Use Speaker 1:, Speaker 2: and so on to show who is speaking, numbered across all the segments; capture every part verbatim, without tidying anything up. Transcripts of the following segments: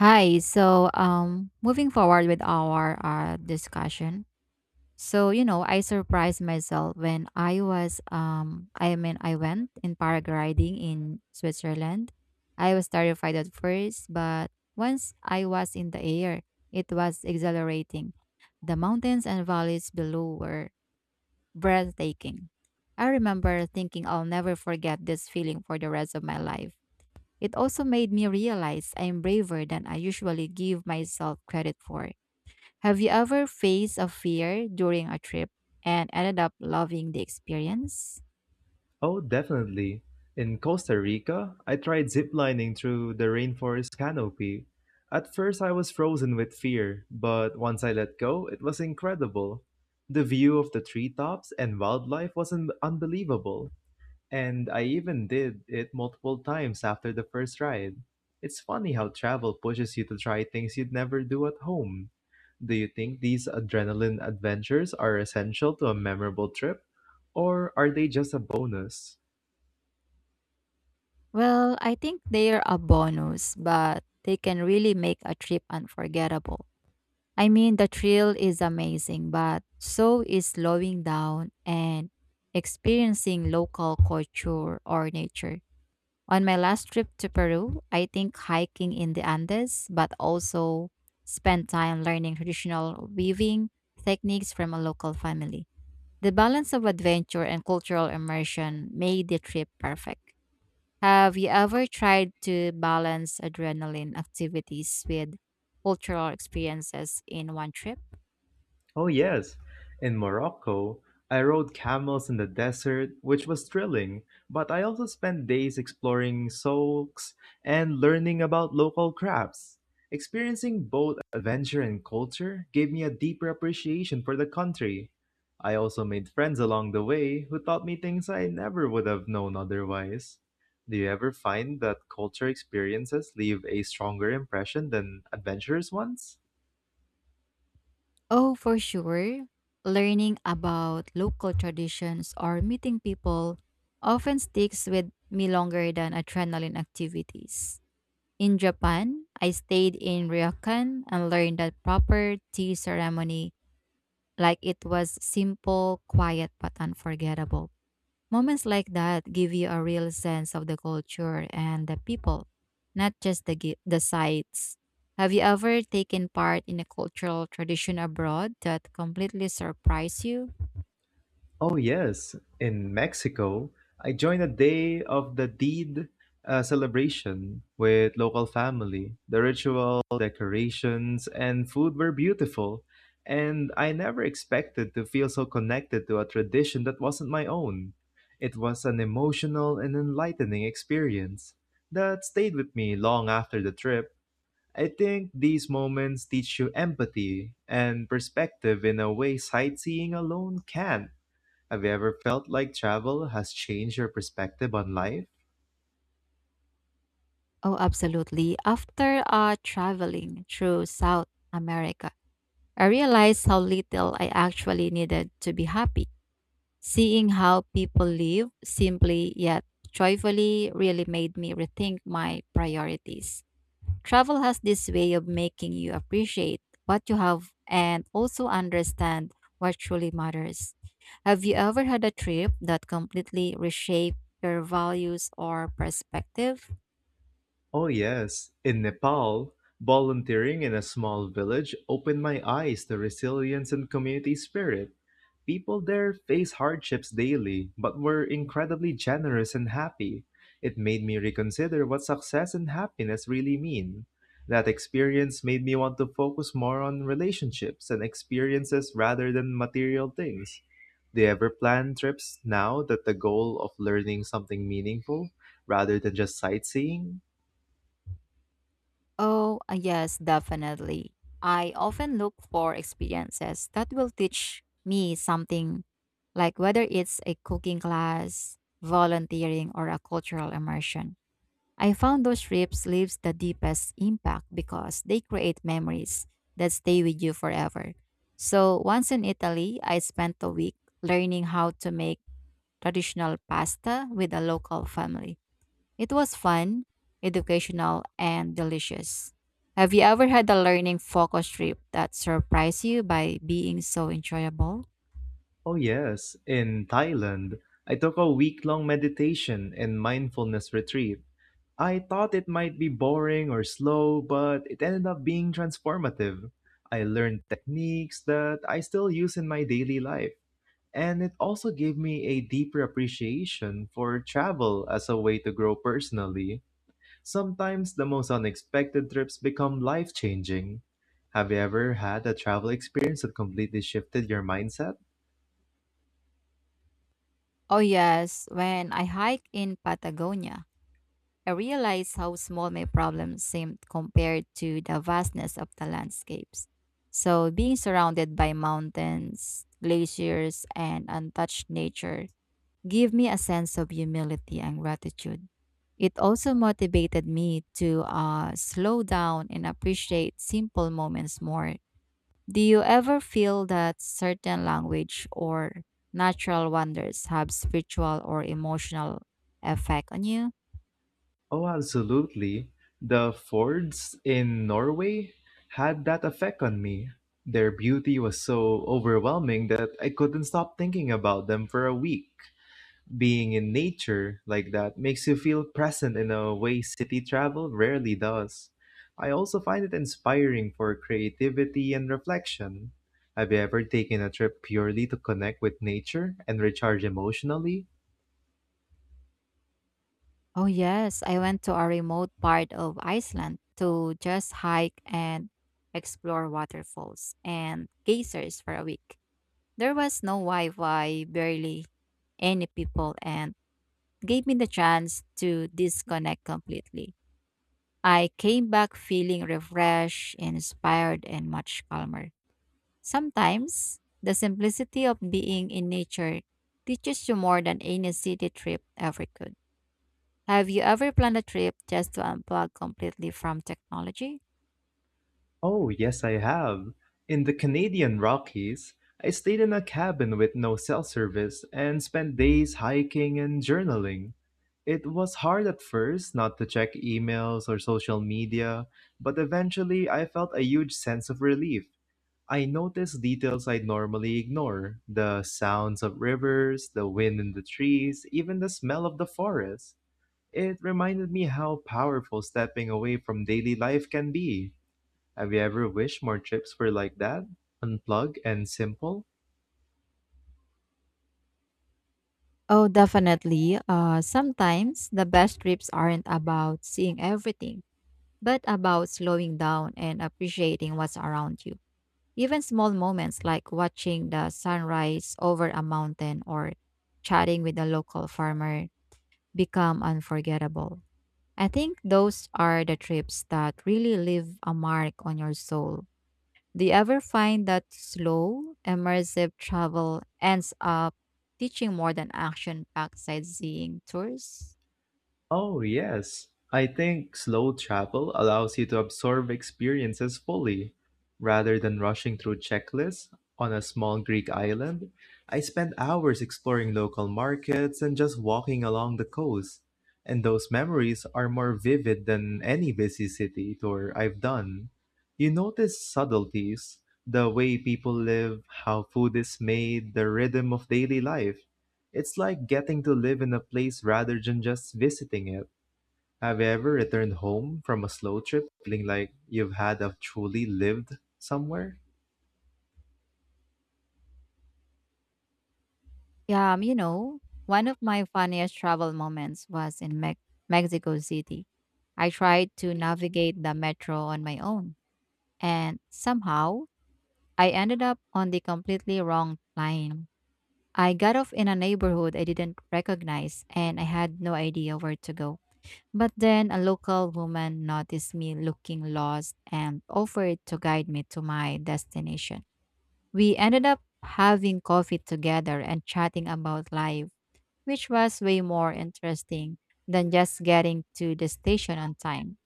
Speaker 1: Hi. So, um, moving forward with our uh, discussion. So, you know, I surprised myself when I was, um, I mean, I went in paragliding in Switzerland. I was terrified at first, but once I was in the air, it was exhilarating. The mountains and valleys below were breathtaking. I remember thinking I'll never forget this feeling for the rest of my life. It also made me realize I'm braver than I usually give myself credit for. Have you ever faced a fear during a trip and ended up loving the experience?
Speaker 2: Oh, definitely. In Costa Rica, I tried ziplining through the rainforest canopy. At first, I was frozen with fear, but once I let go, it was incredible. The view of the treetops and wildlife was un- unbelievable, and I even did it multiple times after the first ride. It's funny how travel pushes you to try things you'd never do at home. Do you think these adrenaline adventures are essential to a memorable trip, or are they just a bonus?
Speaker 1: Well, I think they're a bonus, but they can really make a trip unforgettable. I mean, the thrill is amazing, but so is slowing down and experiencing local culture or nature. On my last trip to Peru, I think hiking in the Andes, but also spent time learning traditional weaving techniques from a local family. The balance of adventure and cultural immersion made the trip perfect. Have you ever tried to balance adrenaline activities with cultural experiences in one trip?
Speaker 2: Oh, yes. In Morocco, I rode camels in the desert, which was thrilling, but I also spent days exploring souks and learning about local crafts. Experiencing both adventure and culture gave me a deeper appreciation for the country. I also made friends along the way who taught me things I never would have known otherwise. Do you ever find that culture experiences leave a stronger impression than adventurous ones?
Speaker 1: Oh, for sure. Learning about local traditions or meeting people often sticks with me longer than adrenaline activities. In Japan, I stayed in Ryokan and learned that proper tea ceremony like it was simple, quiet, but unforgettable. Moments like that give you a real sense of the culture and the people, not just the gi- the sites. Have you ever taken part in a cultural tradition abroad that completely surprised you?
Speaker 2: Oh, yes. In Mexico, I joined a day of the deed uh, celebration with local family. The ritual, decorations, and food were beautiful, and I never expected to feel so connected to a tradition that wasn't my own. It was an emotional and enlightening experience that stayed with me long after the trip. I think these moments teach you empathy and perspective in a way sightseeing alone can't. Have you ever felt like travel has changed your perspective on life?
Speaker 1: Oh, absolutely. After uh, traveling through South America, I realized how little I actually needed to be happy. Seeing how people live simply yet joyfully really made me rethink my priorities. Travel has this way of making you appreciate what you have and also understand what truly matters. Have you ever had a trip that completely reshaped your values or perspective?
Speaker 2: Oh, yes. In Nepal, volunteering in a small village opened my eyes to resilience and community spirit. People there face hardships daily, but were incredibly generous and happy. It made me reconsider what success and happiness really mean. That experience made me want to focus more on relationships and experiences rather than material things. Do you ever plan trips now that the goal of learning something meaningful rather than just sightseeing?
Speaker 1: Oh, uh, yes, definitely. I often look for experiences that will teach me something, like whether it's a cooking class, volunteering, or a cultural immersion. I found those trips leaves the deepest impact because they create memories that stay with you forever. So once in Italy, I spent a week learning how to make traditional pasta with a local family. It was fun, educational, and delicious. Have you ever had a learning focus trip that surprised you by being so enjoyable?
Speaker 2: Oh, yes. In Thailand, I took a week long meditation and mindfulness retreat. I thought it might be boring or slow, but it ended up being transformative. I learned techniques that I still use in my daily life, and it also gave me a deeper appreciation for travel as a way to grow personally. Sometimes the most unexpected trips become life changing. Have you ever had a travel experience that completely shifted your mindset?
Speaker 1: Oh yes, when I hike in Patagonia. I realized how small my problems seemed compared to the vastness of the landscapes. So, being surrounded by mountains, glaciers, and untouched nature gave me a sense of humility and gratitude. It also motivated me to uh, slow down and appreciate simple moments more. Do you ever feel that certain language or natural wonders have spiritual or emotional effect on you?
Speaker 2: Oh, absolutely. The fjords in Norway had that effect on me. Their beauty was so overwhelming that I couldn't stop thinking about them for a week. Being in nature like that makes you feel present in a way city travel rarely does. I also find it inspiring for creativity and reflection. Have you ever taken a trip purely to connect with nature and recharge emotionally?
Speaker 1: Oh, yes. I went to a remote part of Iceland to just hike and explore waterfalls and geysers for a week. There was no Wi Fi, barely any people, and gave me the chance to disconnect completely. I came back feeling refreshed, inspired, and much calmer. Sometimes the simplicity of being in nature teaches you more than any city trip ever could. Have you ever planned a trip just to unplug completely from technology?
Speaker 2: Oh, yes, I have. In the Canadian Rockies, I stayed in a cabin with no cell service and spent days hiking and journaling. It was hard at first not to check emails or social media, but eventually I felt a huge sense of relief. I noticed details I'd normally ignore: the sounds of rivers, the wind in the trees, even the smell of the forest. It reminded me how powerful stepping away from daily life can be. Have you ever wished more trips were like that, unplugged and simple?
Speaker 1: Oh, definitely. Uh, sometimes the best trips aren't about seeing everything, but about slowing down and appreciating what's around you. Even small moments like watching the sunrise over a mountain or chatting with a local farmer become unforgettable. I think those are the trips that really leave a mark on your soul. Do you ever find that slow, immersive travel ends up teaching more than action packed sightseeing tours?
Speaker 2: Oh, yes. I think slow travel allows you to absorb experiences fully. Rather than rushing through checklists on a small Greek island, I spent hours exploring local markets and just walking along the coast. And those memories are more vivid than any busy city tour I've done. You notice subtleties, the way people live, how food is made, the rhythm of daily life. It's like getting to live in a place rather than just visiting it. Have you ever returned home from a slow trip feeling like you've had a truly lived somewhere?
Speaker 1: Yeah, um, you know, one of my funniest travel moments was in Me- Mexico City. I tried to navigate the metro on my own, and somehow I ended up on the completely wrong line. I got off in a neighborhood I didn't recognize, and I had no idea where to go. But then a local woman noticed me looking lost and offered to guide me to my destination. We ended up having coffee together and chatting about life, which was way more interesting than just getting to the station on time.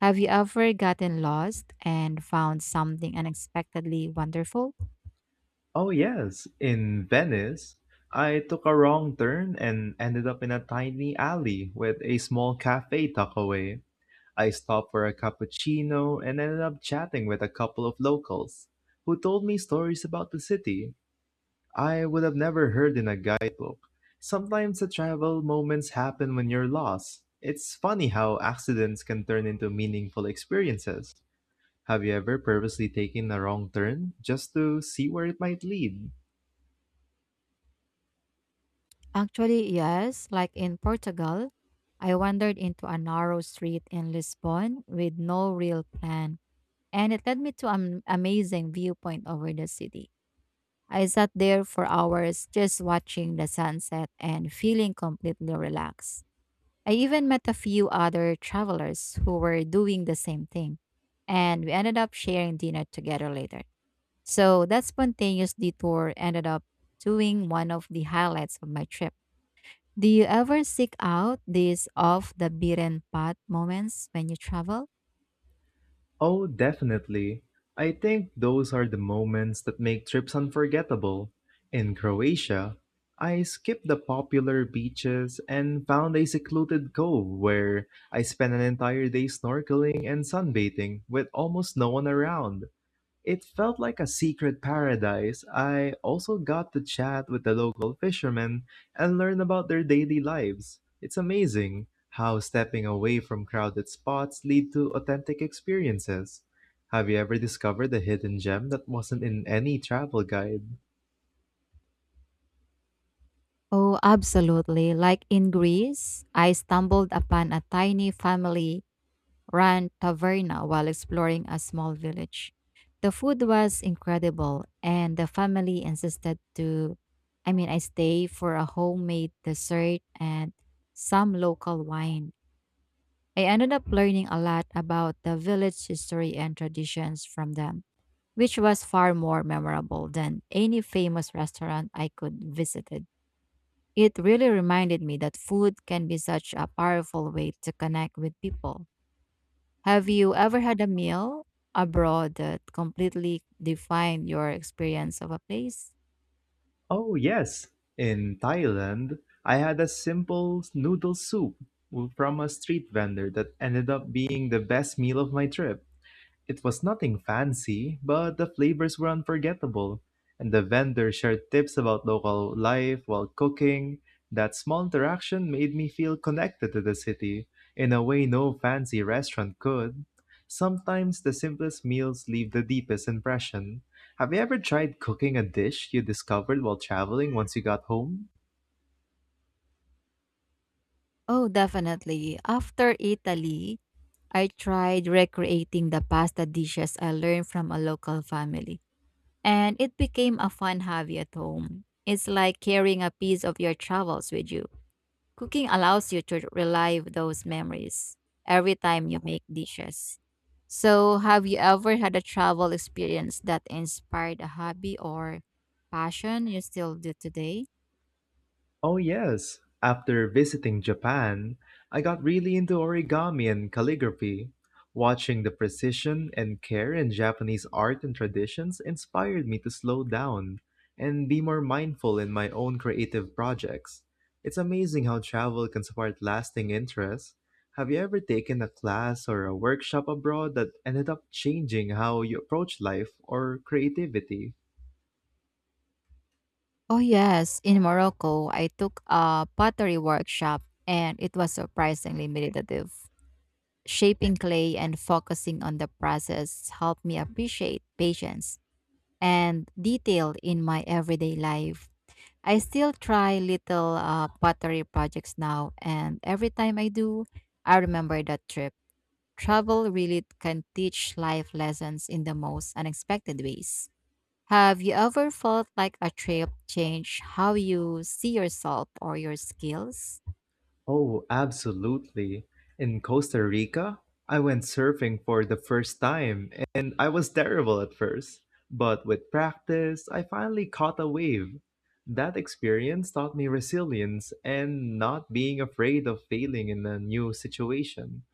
Speaker 1: Have you ever gotten lost and found something unexpectedly wonderful?
Speaker 2: Oh, yes, in Venice. I took a wrong turn and ended up in a tiny alley with a small cafe tucked away. I stopped for a cappuccino and ended up chatting with a couple of locals who told me stories about the city I would have never heard in a guidebook. Sometimes the travel moments happen when you're lost. It's funny how accidents can turn into meaningful experiences. Have you ever purposely taken a wrong turn just to see where it might lead?
Speaker 1: Actually, yes, like in Portugal. I wandered into a narrow street in Lisbon with no real plan and it led me to an amazing viewpoint over the city. I sat there for hours just watching the sunset and feeling completely relaxed. I even met a few other travelers who were doing the same thing, and we ended up sharing dinner together later. So that spontaneous detour ended up doing one of the highlights of my trip. Do you ever seek out these off the beaten path moments when you travel?
Speaker 2: Oh, definitely. I think those are the moments that make trips unforgettable. In Croatia, I skipped the popular beaches and found a secluded cove where I spent an entire day snorkeling and sunbathing with almost no one around. It felt like a secret paradise. I also got to chat with the local fishermen and learn about their daily lives. It's amazing how stepping away from crowded spots lead to authentic experiences. Have you ever discovered a hidden gem that wasn't in any travel guide?
Speaker 1: Oh, absolutely. Like in Greece, I stumbled upon a tiny family run taverna while exploring a small village. The food was incredible, and the family insisted to, I mean, I stay for a homemade dessert and some local wine. I ended up learning a lot about the village history and traditions from them, which was far more memorable than any famous restaurant I could visited. It really reminded me that food can be such a powerful way to connect with people. Have you ever had a meal abroad that completely defined your experience of a place?
Speaker 2: Oh, yes. In Thailand, I had a simple noodle soup from a street vendor that ended up being the best meal of my trip. It was nothing fancy, but the flavors were unforgettable, and the vendor shared tips about local life while cooking. That small interaction made me feel connected to the city in a way no fancy restaurant could. Sometimes the simplest meals leave the deepest impression. Have you ever tried cooking a dish you discovered while traveling once you got home?
Speaker 1: Oh, definitely. After Italy, I tried recreating the pasta dishes I learned from a local family, and it became a fun hobby at home. It's like carrying a piece of your travels with you. Cooking allows you to relive those memories every time you make dishes. So, have you ever had a travel experience that inspired a hobby or passion you still do today?
Speaker 2: Oh, yes. After visiting Japan, I got really into origami and calligraphy. Watching the precision and care in Japanese art and traditions inspired me to slow down and be more mindful in my own creative projects. It's amazing how travel can spark lasting interest. Have you ever taken a class or a workshop abroad that ended up changing how you approach life or creativity?
Speaker 1: Oh, yes. In Morocco, I took a pottery workshop and it was surprisingly meditative. Shaping clay and focusing on the process helped me appreciate patience and detail in my everyday life. I still try little uh, pottery projects now, and every time I do, I remember that trip. Travel really can teach life lessons in the most unexpected ways. Have you ever felt like a trip changed how you see yourself or your skills?
Speaker 2: Oh, absolutely. In Costa Rica, I went surfing for the first time and I was terrible at first. But with practice, I finally caught a wave. That experience taught me resilience and not being afraid of failing in a new situation.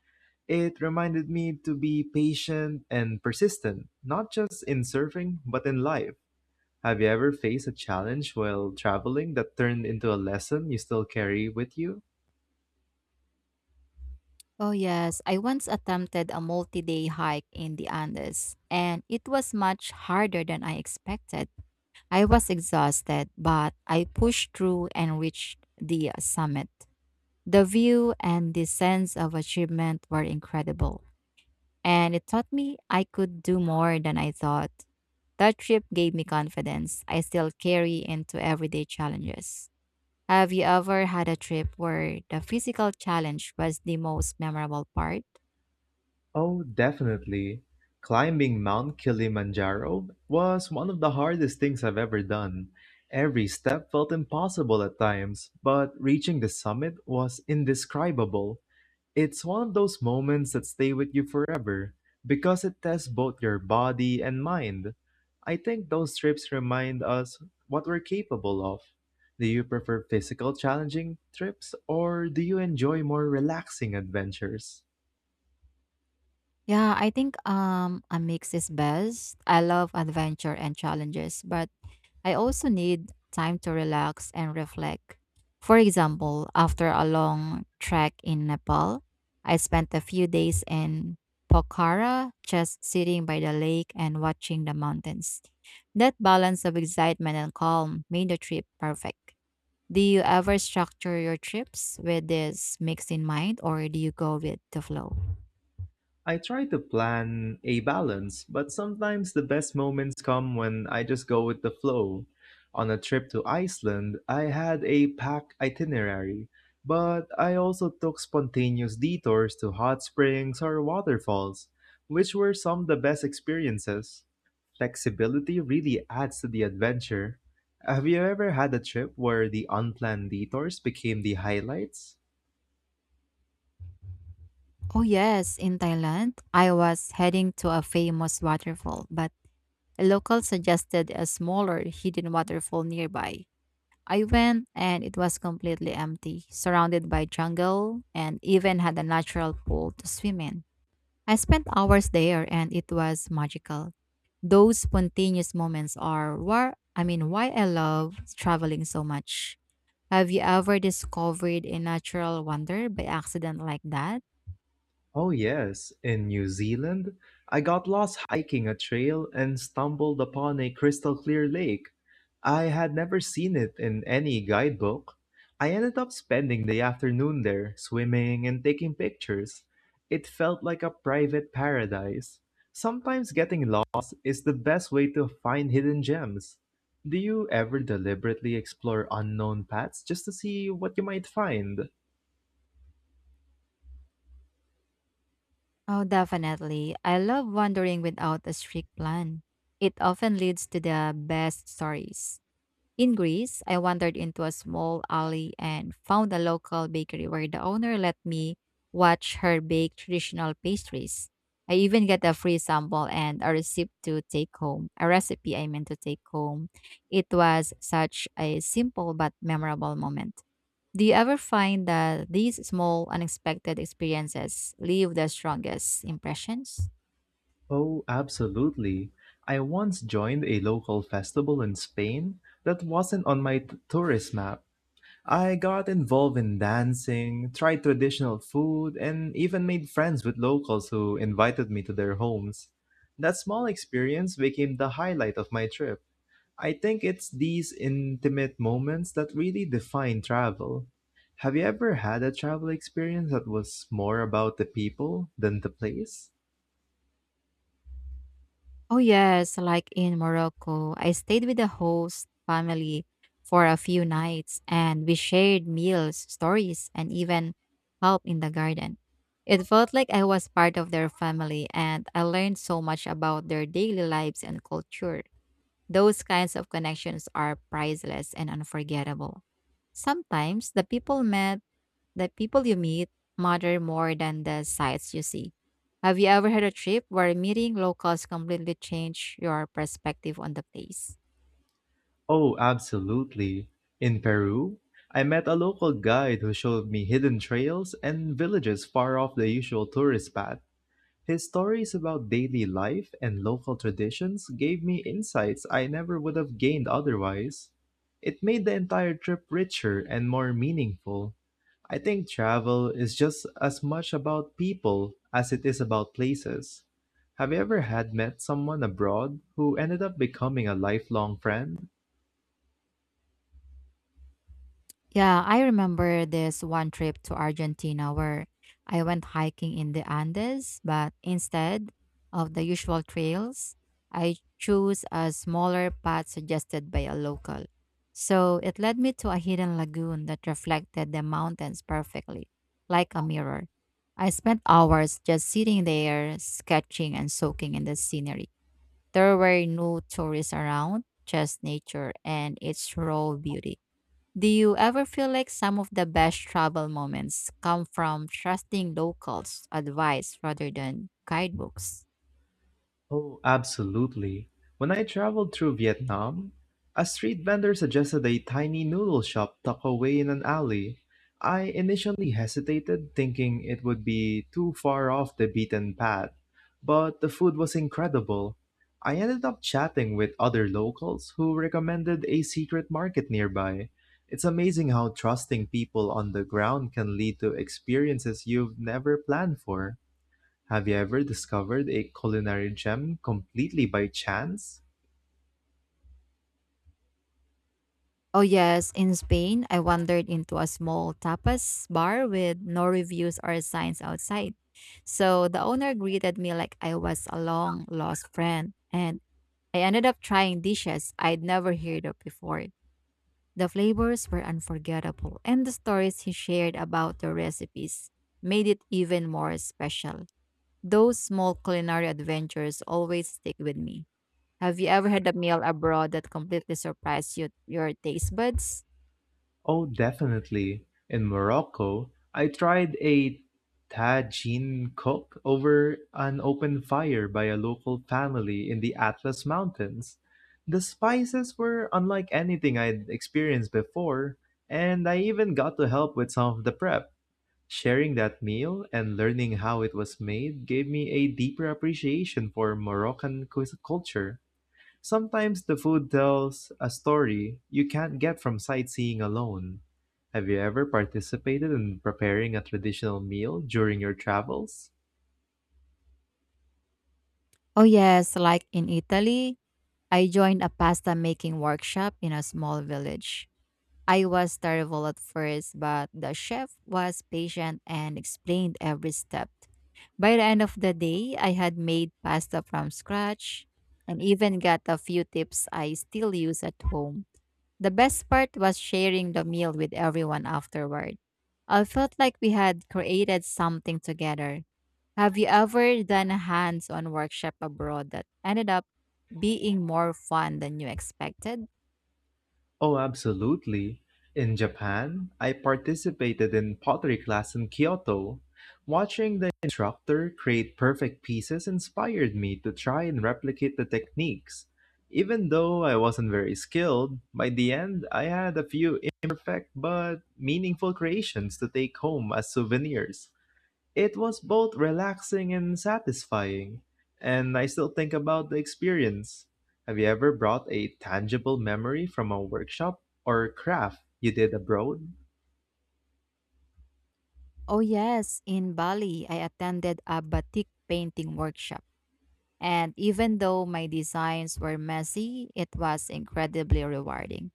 Speaker 2: It reminded me to be patient and persistent, not just in surfing, but in life. Have you ever faced a challenge while traveling that turned into a lesson you still carry with you?
Speaker 1: Oh, yes. I once attempted a multi day hike in the Andes, and it was much harder than I expected. I was exhausted, but I pushed through and reached the uh, summit. The view and the sense of achievement were incredible, and it taught me I could do more than I thought. That trip gave me confidence I still carry into everyday challenges. Have you ever had a trip where the physical challenge was the most memorable part?
Speaker 2: Oh, definitely. Climbing Mount Kilimanjaro was one of the hardest things I've ever done. Every step felt impossible at times, but reaching the summit was indescribable. It's one of those moments that stay with you forever because it tests both your body and mind. I think those trips remind us what we're capable of. Do you prefer physical challenging trips or do you enjoy more relaxing adventures?
Speaker 1: Yeah, I think um a mix is best. I love adventure and challenges, but I also need time to relax and reflect. For example, after a long trek in Nepal, I spent a few days in Pokhara just sitting by the lake and watching the mountains. That balance of excitement and calm made the trip perfect. Do you ever structure your trips with this mix in mind or do you go with the flow?
Speaker 2: I try to plan a balance, but sometimes the best moments come when I just go with the flow. On a trip to Iceland, I had a packed itinerary, but I also took spontaneous detours to hot springs or waterfalls, which were some of the best experiences. Flexibility really adds to the adventure. Have you ever had a trip where the unplanned detours became the highlights?
Speaker 1: Oh, yes, in Thailand, I was heading to a famous waterfall, but a local suggested a smaller hidden waterfall nearby. I went and it was completely empty, surrounded by jungle, and even had a natural pool to swim in. I spent hours there and it was magical. Those spontaneous moments are where I mean why I love traveling so much. Have you ever discovered a natural wonder by accident like that?
Speaker 2: Oh, yes, in New Zealand, I got lost hiking a trail and stumbled upon a crystal clear lake. I had never seen it in any guidebook. I ended up spending the afternoon there, swimming and taking pictures. It felt like a private paradise. Sometimes getting lost is the best way to find hidden gems. Do you ever deliberately explore unknown paths just to see what you might find?
Speaker 1: Oh, definitely. I love wandering without a strict plan. It often leads to the best stories. In Greece, I wandered into a small alley and found a local bakery where the owner let me watch her bake traditional pastries. I even got a free sample and a recipe to take home, a recipe I meant to take home. It was such a simple but memorable moment. Do you ever find that these small, unexpected experiences leave the strongest impressions?
Speaker 2: Oh, absolutely. I once joined a local festival in Spain that wasn't on my t- tourist map. I got involved in dancing, tried traditional food, and even made friends with locals who invited me to their homes. That small experience became the highlight of my trip. I think it's these intimate moments that really define travel. Have you ever had a travel experience that was more about the people than the place?
Speaker 1: Oh, yes, like in Morocco, I stayed with the host family for a few nights and we shared meals, stories, and even help in the garden. It felt like I was part of their family and I learned so much about their daily lives and culture. Those kinds of connections are priceless and unforgettable. Sometimes the people met the people you meet matter more than the sights you see. Have you ever had a trip where meeting locals completely changed your perspective on the place?
Speaker 2: Oh, absolutely. In Peru, I met a local guide who showed me hidden trails and villages far off the usual tourist path. His stories about daily life and local traditions gave me insights I never would have gained otherwise. It made the entire trip richer and more meaningful. I think travel is just as much about people as it is about places. Have you ever had met someone abroad who ended up becoming a lifelong friend?
Speaker 1: Yeah, I remember this one trip to Argentina where I went hiking in the Andes, but instead of the usual trails, I chose a smaller path suggested by a local. So it led me to a hidden lagoon that reflected the mountains perfectly, like a mirror. I spent hours just sitting there, sketching and soaking in the scenery. There were no tourists around, just nature and its raw beauty. Do you ever feel like some of the best travel moments come from trusting locals' advice rather than guidebooks?
Speaker 2: Oh, absolutely. When I traveled through Vietnam, a street vendor suggested a tiny noodle shop tucked away in an alley. I initially hesitated, thinking it would be too far off the beaten path, but the food was incredible. I ended up chatting with other locals who recommended a secret market nearby. It's amazing how trusting people on the ground can lead to experiences you've never planned for. Have you ever discovered a culinary gem completely by chance?
Speaker 1: Oh, yes, in Spain, I wandered into a small tapas bar with no reviews or signs outside. So the owner greeted me like I was a long lost friend, and I ended up trying dishes I'd never heard of before. The flavors were unforgettable, and the stories he shared about the recipes made it even more special. Those small culinary adventures always stick with me. Have you ever had a meal abroad that completely surprised you, your taste buds?
Speaker 2: Oh, definitely. In Morocco, I tried a tagine cooked over an open fire by a local family in the Atlas Mountains. The spices were unlike anything I'd experienced before, and I even got to help with some of the prep. Sharing that meal and learning how it was made gave me a deeper appreciation for Moroccan cu- culture. Sometimes the food tells a story you can't get from sightseeing alone. Have you ever participated in preparing a traditional meal during your travels?
Speaker 1: Oh, yes, like in Italy, I joined a pasta making workshop in a small village. I was terrible at first, but the chef was patient and explained every step. By the end of the day, I had made pasta from scratch and even got a few tips I still use at home. The best part was sharing the meal with everyone afterward. I felt like we had created something together. Have you ever done a hands on workshop abroad that ended up being more fun than you expected?
Speaker 2: Oh, absolutely. In Japan, I participated in pottery class in Kyoto. Watching the instructor create perfect pieces inspired me to try and replicate the techniques. Even though I wasn't very skilled, by the end I had a few imperfect but meaningful creations to take home as souvenirs. It was both relaxing and satisfying, and I still think about the experience. Have you ever brought a tangible memory from a workshop or craft you did abroad?
Speaker 1: Oh, yes. In Bali, I attended a batik painting workshop. And even though my designs were messy, it was incredibly rewarding.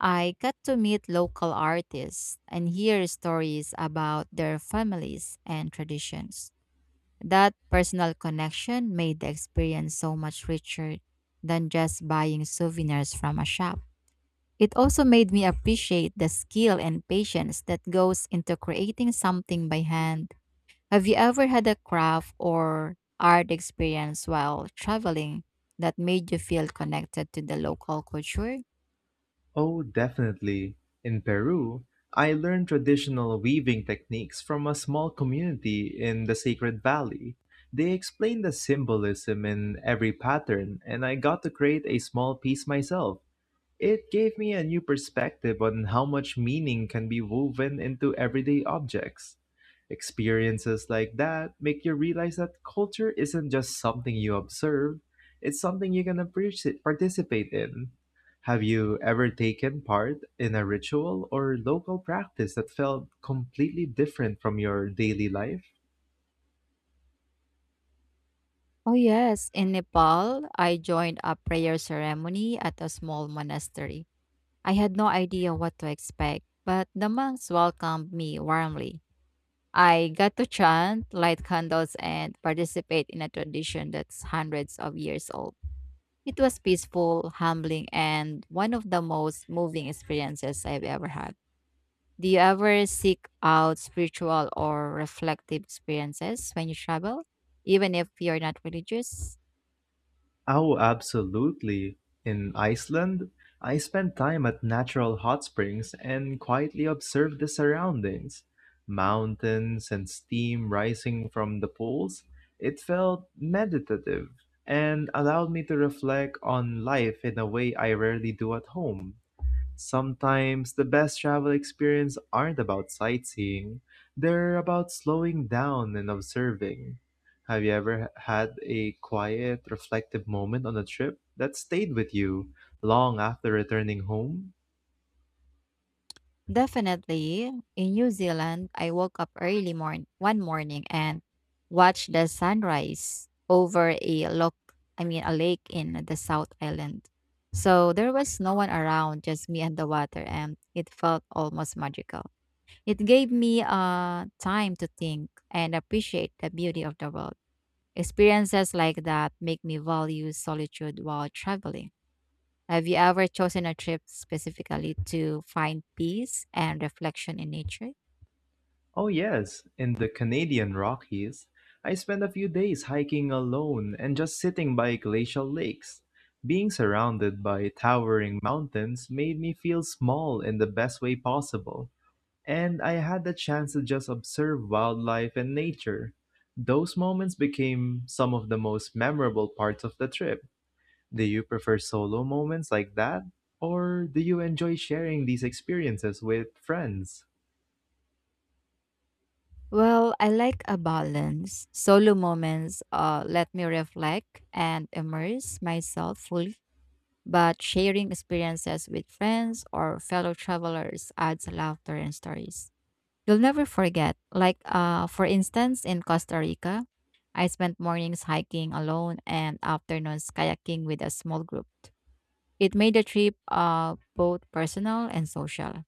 Speaker 1: I got to meet local artists and hear stories about their families and traditions. That personal connection made the experience so much richer than just buying souvenirs from a shop. It also made me appreciate the skill and patience that goes into creating something by hand. Have you ever had a craft or art experience while traveling that made you feel connected to the local culture?
Speaker 2: Oh, definitely. In Peru, I learned traditional weaving techniques from a small community in the Sacred Valley. They explained the symbolism in every pattern, and I got to create a small piece myself. It gave me a new perspective on how much meaning can be woven into everyday objects. Experiences like that make you realize that culture isn't just something you observe, it's something you can appreciate, participate in. Have you ever taken part in a ritual or local practice that felt completely different from your daily life?
Speaker 1: Oh, yes. In Nepal, I joined a prayer ceremony at a small monastery. I had no idea what to expect, but the monks welcomed me warmly. I got to chant, light candles, and participate in a tradition that's hundreds of years old. It was peaceful, humbling, and one of the most moving experiences I've ever had. Do you ever seek out spiritual or reflective experiences when you travel, even if you're not religious?
Speaker 2: Oh, absolutely. In Iceland, I spent time at natural hot springs and quietly observed the surroundings. Mountains and steam rising from the pools. It felt meditative and allowed me to reflect on life in a way I rarely do at home. Sometimes the best travel experience aren't about sightseeing, they're about slowing down and observing. Have you ever had a quiet, reflective moment on a trip that stayed with you long after returning home?
Speaker 1: Definitely. In New Zealand, I woke up early morn one morning and watched the sunrise over a look, I mean a lake in the South Island. So there was no one around, just me and the water, and it felt almost magical. It gave me uh time to think and appreciate the beauty of the world. Experiences like that make me value solitude while traveling. Have you ever chosen a trip specifically to find peace and reflection in nature?
Speaker 2: Oh, yes, in the Canadian Rockies, I spent a few days hiking alone and just sitting by glacial lakes. Being surrounded by towering mountains made me feel small in the best way possible, and I had the chance to just observe wildlife and nature. Those moments became some of the most memorable parts of the trip. Do you prefer solo moments like that, or do you enjoy sharing these experiences with friends?
Speaker 1: Well, I like a balance. Solo moments uh, let me reflect and immerse myself fully, but sharing experiences with friends or fellow travelers adds laughter and stories. You'll never forget. Like, uh, for instance, in Costa Rica, I spent mornings hiking alone and afternoons kayaking with a small group. It made the trip uh, both personal and social.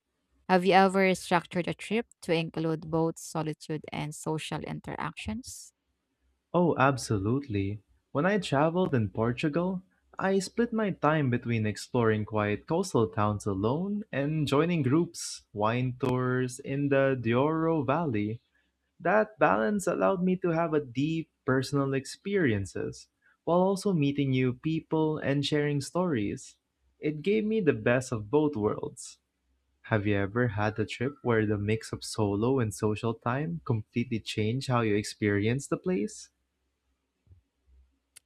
Speaker 1: Have you ever structured a trip to include both solitude and social interactions?
Speaker 2: Oh, absolutely. When I traveled in Portugal, I split my time between exploring quiet coastal towns alone and joining groups, wine tours in the Douro Valley. That balance allowed me to have a deep personal experiences while also meeting new people and sharing stories. It gave me the best of both worlds. Have you ever had a trip where the mix of solo and social time completely changed how you experienced the place?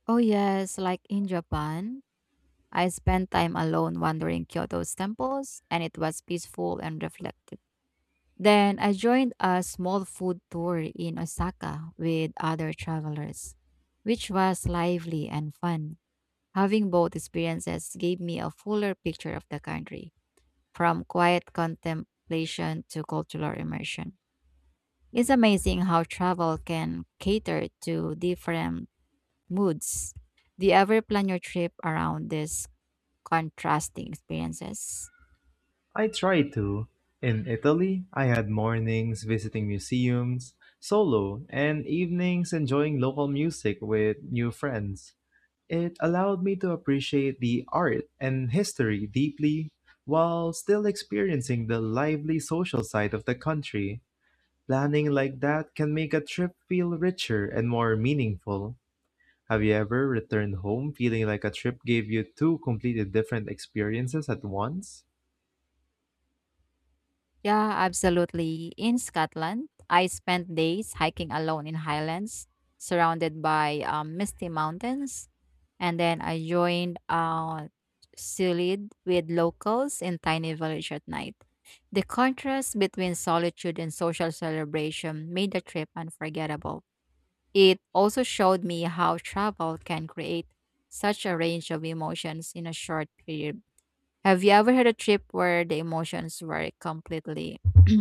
Speaker 1: Oh, yes. Like in Japan, I spent time alone wandering Kyoto's temples, and it was peaceful and reflective. Then I joined a small food tour in Osaka with other travelers, which was lively and fun. Having both experiences gave me a fuller picture of the country, from quiet contemplation to cultural immersion. It's amazing how travel can cater to different moods. Do you ever plan your trip around these contrasting experiences?
Speaker 2: I tried to. In Italy, I had mornings visiting museums, solo, and evenings enjoying local music with new friends. It allowed me to appreciate the art and history deeply while still experiencing the lively social side of the country. Planning like that can make a trip feel richer and more meaningful. Have you ever returned home feeling like a trip gave you two completely different experiences at once?
Speaker 1: Yeah, absolutely. In Scotland, I spent days hiking alone in highlands surrounded by um, misty mountains, and then I joined uh, Silid with locals in tiny village at night. The contrast between solitude and social celebration made the trip unforgettable. It also showed me how travel can create such a range of emotions in a short period. Have you ever had a trip where the emotions were completely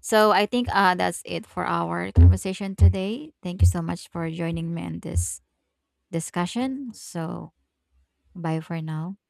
Speaker 1: So I think uh, that's it for our conversation today. Thank you so much for joining me in this discussion. So bye for now.